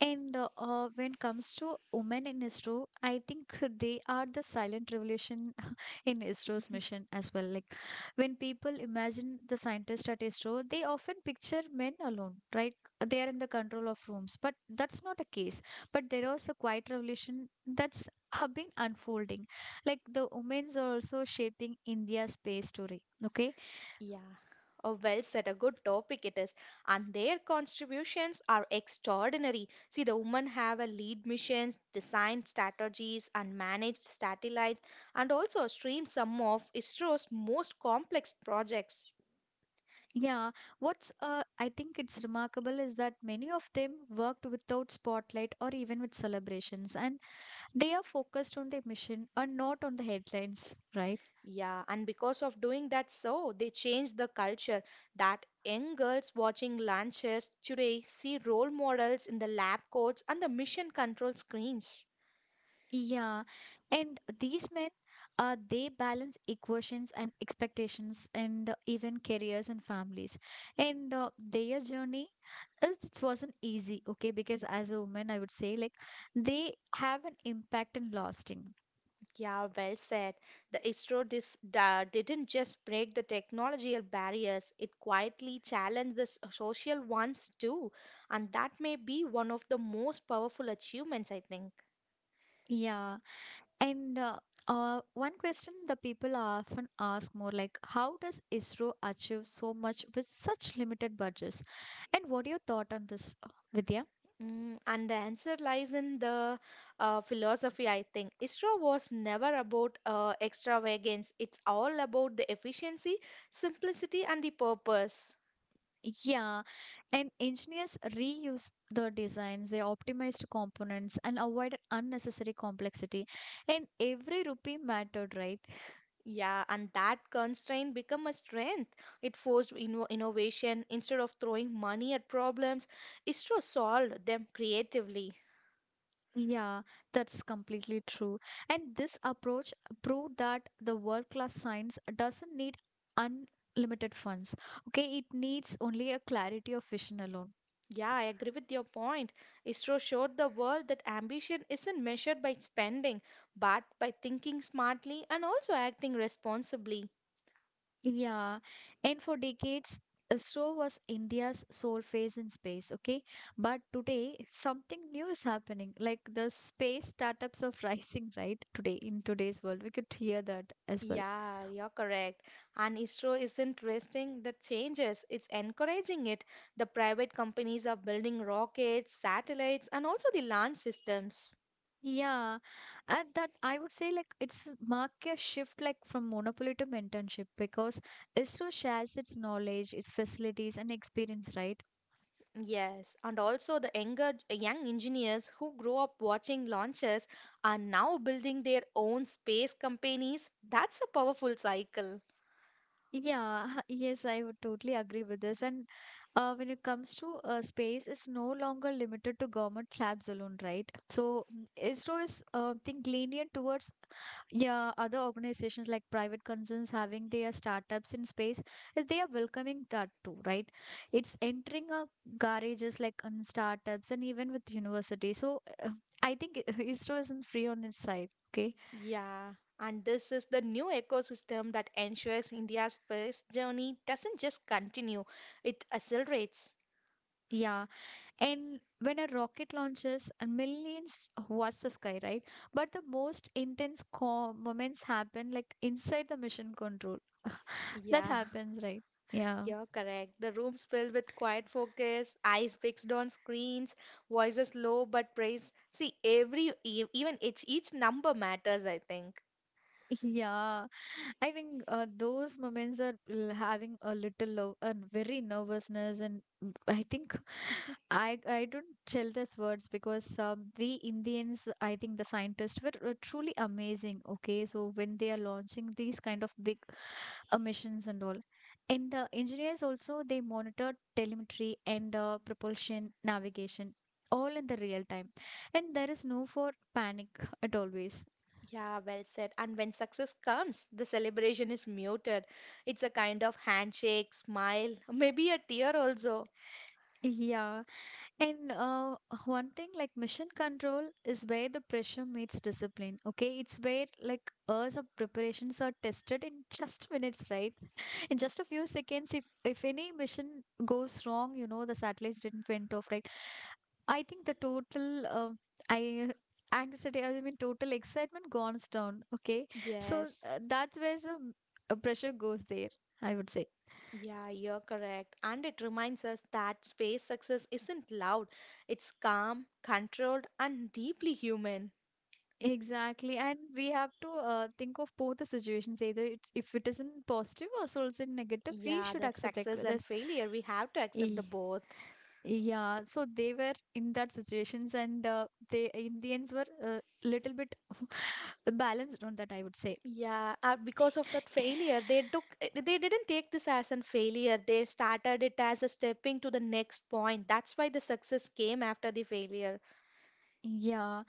And when comes to women in ISRO, I think they are the silent revolution in ISRO's mission as well. Like when people imagine the scientists at ISRO, they often picture men alone, right? They are in the control of rooms, but that's not a case. But there was a quiet revolution that's have been unfolding. Like the women's are also shaping India's space story. Okay, Yeah, oh, well said. A good topic it is. And their contributions are extraordinary. See, the women have a lead missions, designed strategies, and managed satellites, and also stream some of ISRO's most complex projects. yeah, what's I think it's remarkable is that many of them worked without spotlight or even with celebrations, and they are focused on their mission and not on the headlines, right? Yeah, and because of doing that, so they changed the culture that young girls watching lunches today see role models in the lab coats and the mission control screens. Yeah, and these men, they balance equations and expectations, and even careers and families. And their journey, it wasn't easy, okay? Because as a woman, I would say like they have an impact and lasting. Yeah, well said. The didn't just break the technological barriers, it quietly challenged the social ones too. And that may be one of the most powerful achievements, I think. Yeah. And one question the people often ask more like, how does ISRO achieve so much with such limited budgets? And what are your thought on this, Vidya? Mm, and the answer lies in the philosophy, I think. ISRO was never about extravagance. It's all about the efficiency, simplicity, and the purpose. Yeah, and engineers reuse the designs, they optimized components and avoided unnecessary complexity. And every rupee mattered, right? Yeah, and that constraint become a strength. It forced innovation. Instead of throwing money at problems, ISRO solved them creatively. Yeah, that's completely true. And this approach proved that the world-class science doesn't need unlimited funds. Okay, it needs only a clarity of vision alone. Yeah, I agree with your point. ISRO showed the world that ambition isn't measured by spending, but by thinking smartly and also acting responsibly. Yeah, and for decades, so was India's sole phase in space. Okay, but today something new is happening. Like the space startups are rising, right? Today in today's world, we could hear that as well. Yeah, you're correct. And ISRO isn't resting the changes, it's encouraging it. The private companies are building rockets, satellites, and also the land systems. Yeah, and that I would say like it's mark a shift like from monopoly to mentorship because ISRO shares its knowledge, its facilities and experience, right? Yes, and also the young engineers who grow up watching launches are now building their own space companies. That's a powerful cycle. Yeah, yes, I would totally agree with this. And when it comes to space, it's no longer limited to government labs alone, right? So mm, ISRO is lenient towards yeah other organizations like private concerns having their startups in space. They are welcoming that too, right? It's entering a garages like on startups and even with university. So I think ISRO isn't free on its side. Okay. Yeah, and this is the new ecosystem that ensures India's space journey doesn't just continue, it accelerates. Yeah. And when a rocket launches, and millions watch the sky, right? But the most intense moments happen like inside the mission control. That Yeah. happens, right? Yeah. You're correct. The room's filled with quiet focus, eyes fixed on screens, voices low but praise. See, every even each number matters, I think. Yeah, I think those moments are having a little low, a very nervousness, and mm, I think I don't tell these words because the Indians, I think the scientists were truly amazing. Okay, so when they are launching these kind of big missions and all, and the engineers also they monitor telemetry and propulsion navigation all in the real time, and there is no for panic at always. Yeah, well said. And when success comes, the celebration is muted. It's a kind of handshake, smile, maybe a tear also. Yeah. And one thing like mission control is where the pressure meets discipline. Okay, it's where like hours of preparations are tested in just minutes, right? In just a few seconds, if any mission goes wrong, you know the satellites didn't went off, right? I think the total I anxiety, I mean total excitement goes down. Okay, so Yes. That where's the pressure goes there. I would say. Yeah, you're correct. And it reminds us that space success isn't loud. It's calm, controlled, and deeply human. Exactly. And we have to think of both the situations. Either it's, if it isn't positive or so it's in negative, we Yeah, should the accept like success and this. failure, we have to accept "Eh, the both. yeah. So they were in that situations and they Indians were a little bit balanced on that, I would say. Yeah, because of that failure, they took they didn't take this as a failure. They started it as a stepping to the next point. That's why the success came after the failure. Yeah,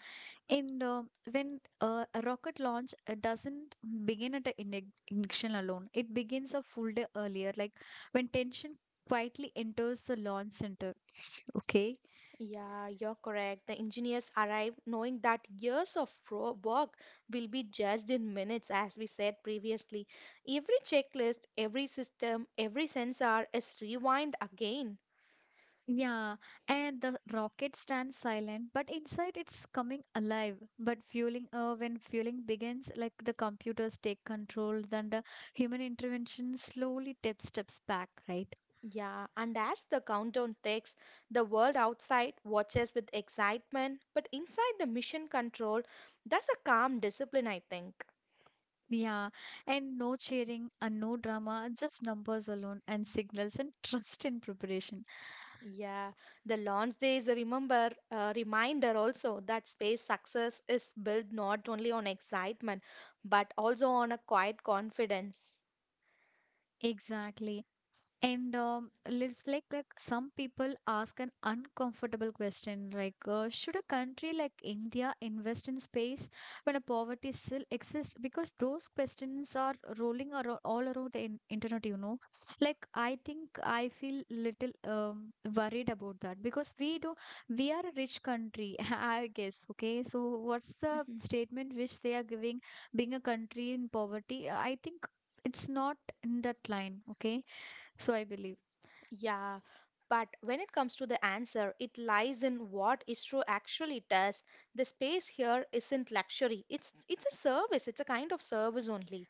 and when a rocket launch doesn't begin at an ignition alone, it begins a full day earlier, like when tension quietly enters the launch center. Okay, Yeah, you're correct. The engineers arrived knowing that years of work will be judged in minutes, as we said previously. Every checklist, every system, every sensor is rewind again. yeah, and the rocket stands silent, but inside it's coming alive. But fueling, when fueling begins, like the computers take control, then the human intervention slowly tip steps back, right? Yeah, and as the countdown ticks, the world outside watches with excitement, but inside the mission control, that's a calm discipline, I think. Yeah, and no cheering and no drama, just numbers alone and signals and trust in preparation. Yeah, the launch day is a remember reminder also that space success is built not only on excitement but also on a quiet confidence. Exactly. And it's like some people ask an uncomfortable question, like should a country like India invest in space when a poverty still exists? Because those questions are rolling around all around the internet, Like I think I feel little worried about that because we are a rich country, I guess. Okay, so what's the Mm-hmm. statement which they are giving? Being a country in poverty, I think it's not in that line. Okay, so I believe. Yeah, but when it comes to the answer, it lies in what ISRO actually does. The space here isn't luxury. It's a service. It's a kind of service only.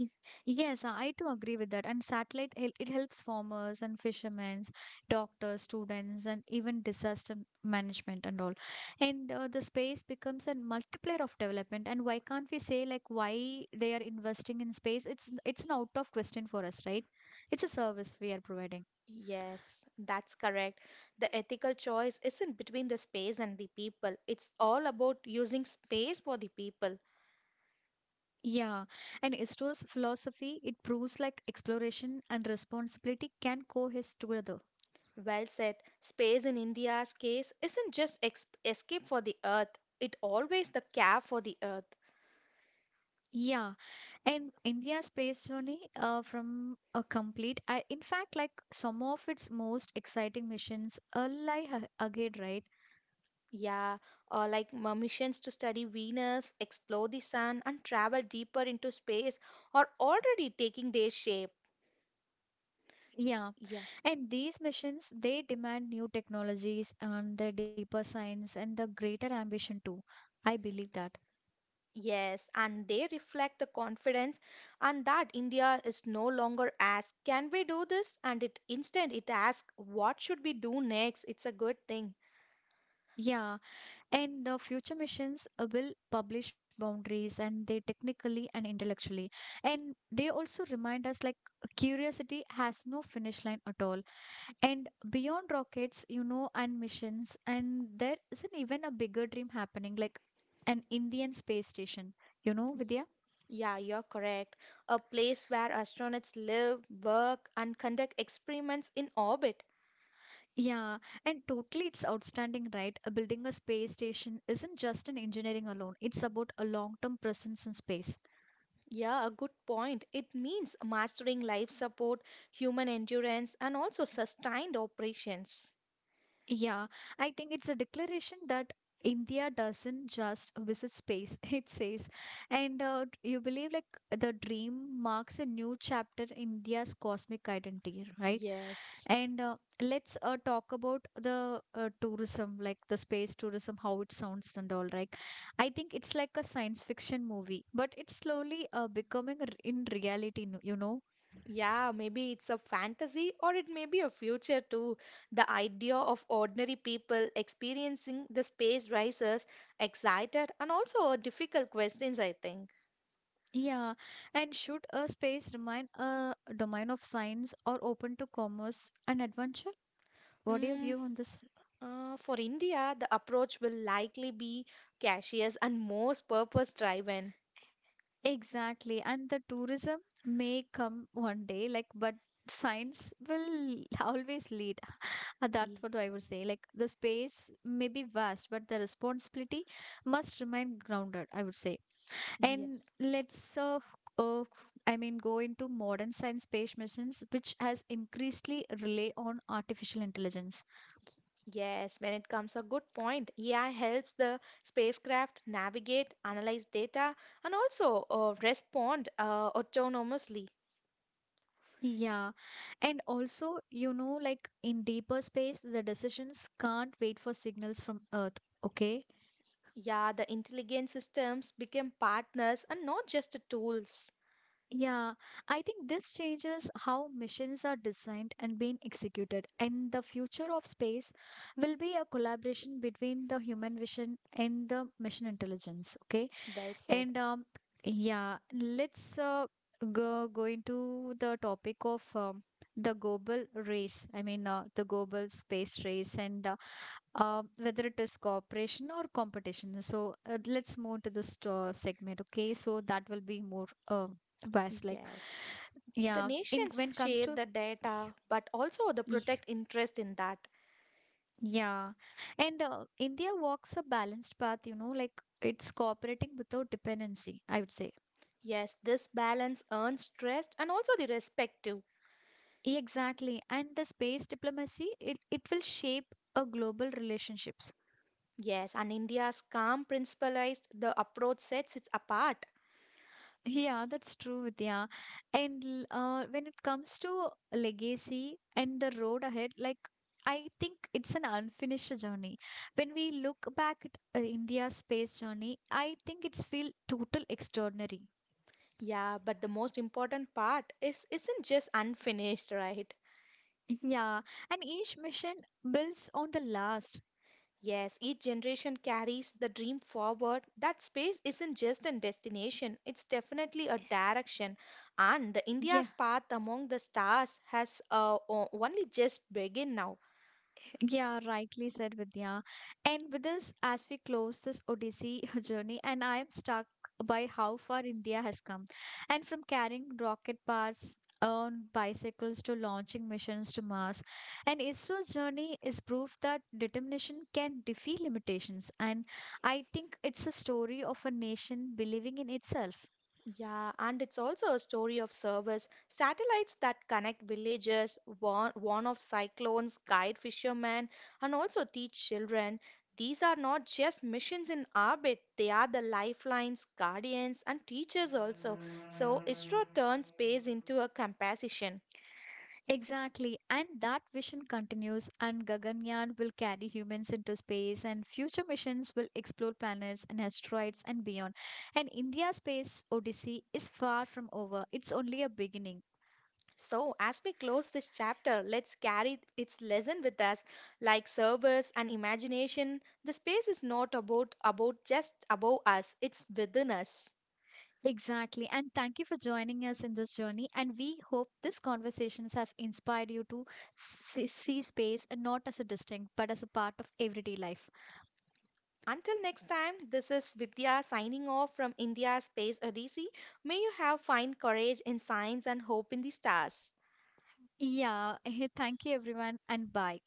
Mhm. Yes, I too agree with that. And satellite, it helps farmers and fishermen, doctors, students, and even disaster management and all. And the space becomes a multiplier of development. And why can't we say like why they are investing in space? It's an out of question for us, right? It's a service we are providing. Yes, that's correct. The ethical choice isn't between the space and the people. It's all about using space for the people. Yeah, and Isro's philosophy, it proves like exploration and responsibility can coexist together. Well said. Space in India's case isn't just ex escape for the earth. It always the care for the earth. Yeah, and India's space journey from a complete, I in fact, like some of its most exciting missions are ahead, right? Yeah, or like missions to study Venus, explore the sun, and travel deeper into space are already taking their shape. Yeah. Yeah, And these missions, they demand new technologies and the deeper science and the greater ambition too. I believe that. yes, and they reflect the confidence and that India is no longer asked, can we do this? And it instead it asks, what should we do next? It's a good thing. Yeah. And the future missions will publish boundaries and they technically and intellectually. And they also remind us like curiosity has no finish line at all. And beyond rockets, you know, and missions, and there isn't even a bigger dream happening, like an Indian space station, you know, Vidya? Yeah, you're correct. A place where astronauts live, work, and conduct experiments in orbit. Yeah, and totally it's outstanding, right? Building a space station isn't just an engineering alone, it's about a long term presence in space. Yeah, a good point. It means mastering life support, human endurance, and also sustained operations. Yeah, I think it's a declaration that India doesn't just visit space, it says. And you believe like the dream marks a new chapter in India's cosmic identity, right? Yes. And let's talk about the tourism, like the space tourism, how it sounds and all, right? I think it's like a science fiction movie, but it's slowly becoming in reality, you know? Yeah, maybe it's a fantasy or it may be a future too. The idea of ordinary people experiencing the space rises excited and also difficult questions, I think. Yeah, and should a space remain a domain of science or open to commerce and adventure? What do you Mm, view on this? For India, the approach will likely be cautious and most purpose driven. Exactly, and the tourism may come one day, like, but science will always lead. That's what I would say. Like, the space may be vast, but the responsibility must remain grounded, I would say. And Yes. let's uh, I mean, go into modern science space missions, which has increasingly rely on artificial intelligence. Yes, when it comes a good point, AI helps the spacecraft navigate, analyze data, and also respond autonomously. Yeah. And also, you know, like in deeper space, the decisions can't wait for signals from Earth. Okay. Yeah, the intelligent systems become partners and not just tools. Yeah. I think this changes how missions are designed and being executed. And the future of space will be a collaboration between the human vision and the mission intelligence. Okay. Well said. And yeah, let's go into the topic of the global race. I mean, the global space race, and whether it is cooperation or competition. So let's move to this segment. Okay, so that will be more vast. Like, Yes. The yeah, in nations when comes share to the data, but also the Ye- protect interest in that. Yeah. And India walks a balanced path, you know, like it's cooperating without dependency, I would say. Yes, this balance earns trust and also the respect too. Exactly. And the space diplomacy, it will shape a global relationships. Yes, and India's calm principalized the approach sets it apart. Yeah, that's true, Vidya. And when it comes to legacy and the road ahead, like I think it's an unfinished journey. When we look back at India's space journey, I think it's feel total extraordinary. Yeah, but the most important part is isn't just unfinished, right? Yeah, and each mission builds on the last. Yes, each generation carries the dream forward. That space isn't just a destination, it's definitely a direction. And the Yeah. India's path among the stars has only just begun now. Yeah, rightly said, Vidya. And with this, as we close this Odyssey journey, and I am stuck by how far India has come. And from carrying rocket parts on bicycles to launching missions to Mars. And ISRO's journey is proof that determination can defeat limitations. And I think it's a story of a nation believing in itself. Yeah, and it's also a story of service. Satellites that connect villages, warn of cyclones, guide fishermen, and also teach children. These are not just missions in orbit, they are the lifelines, guardians, and teachers also. So, ISRO turns space into a composition. Exactly, and that vision continues, and Gaganyaan will carry humans into space, and future missions will explore planets and asteroids and beyond. And India's space odyssey is far from over, it's only a beginning. So, as we close this chapter, let's carry its lesson with us. Like service and imagination, the space is not about just above us, it's within us. Exactly, and thank you for joining us in this journey. And we hope these conversations have inspired you to see space and not as a distinct, but as a part of everyday life. Until next time, this is Vidya signing off from India Space Odyssey. May you have fine courage in science and hope in the stars. Yeah, thank you, everyone, and bye.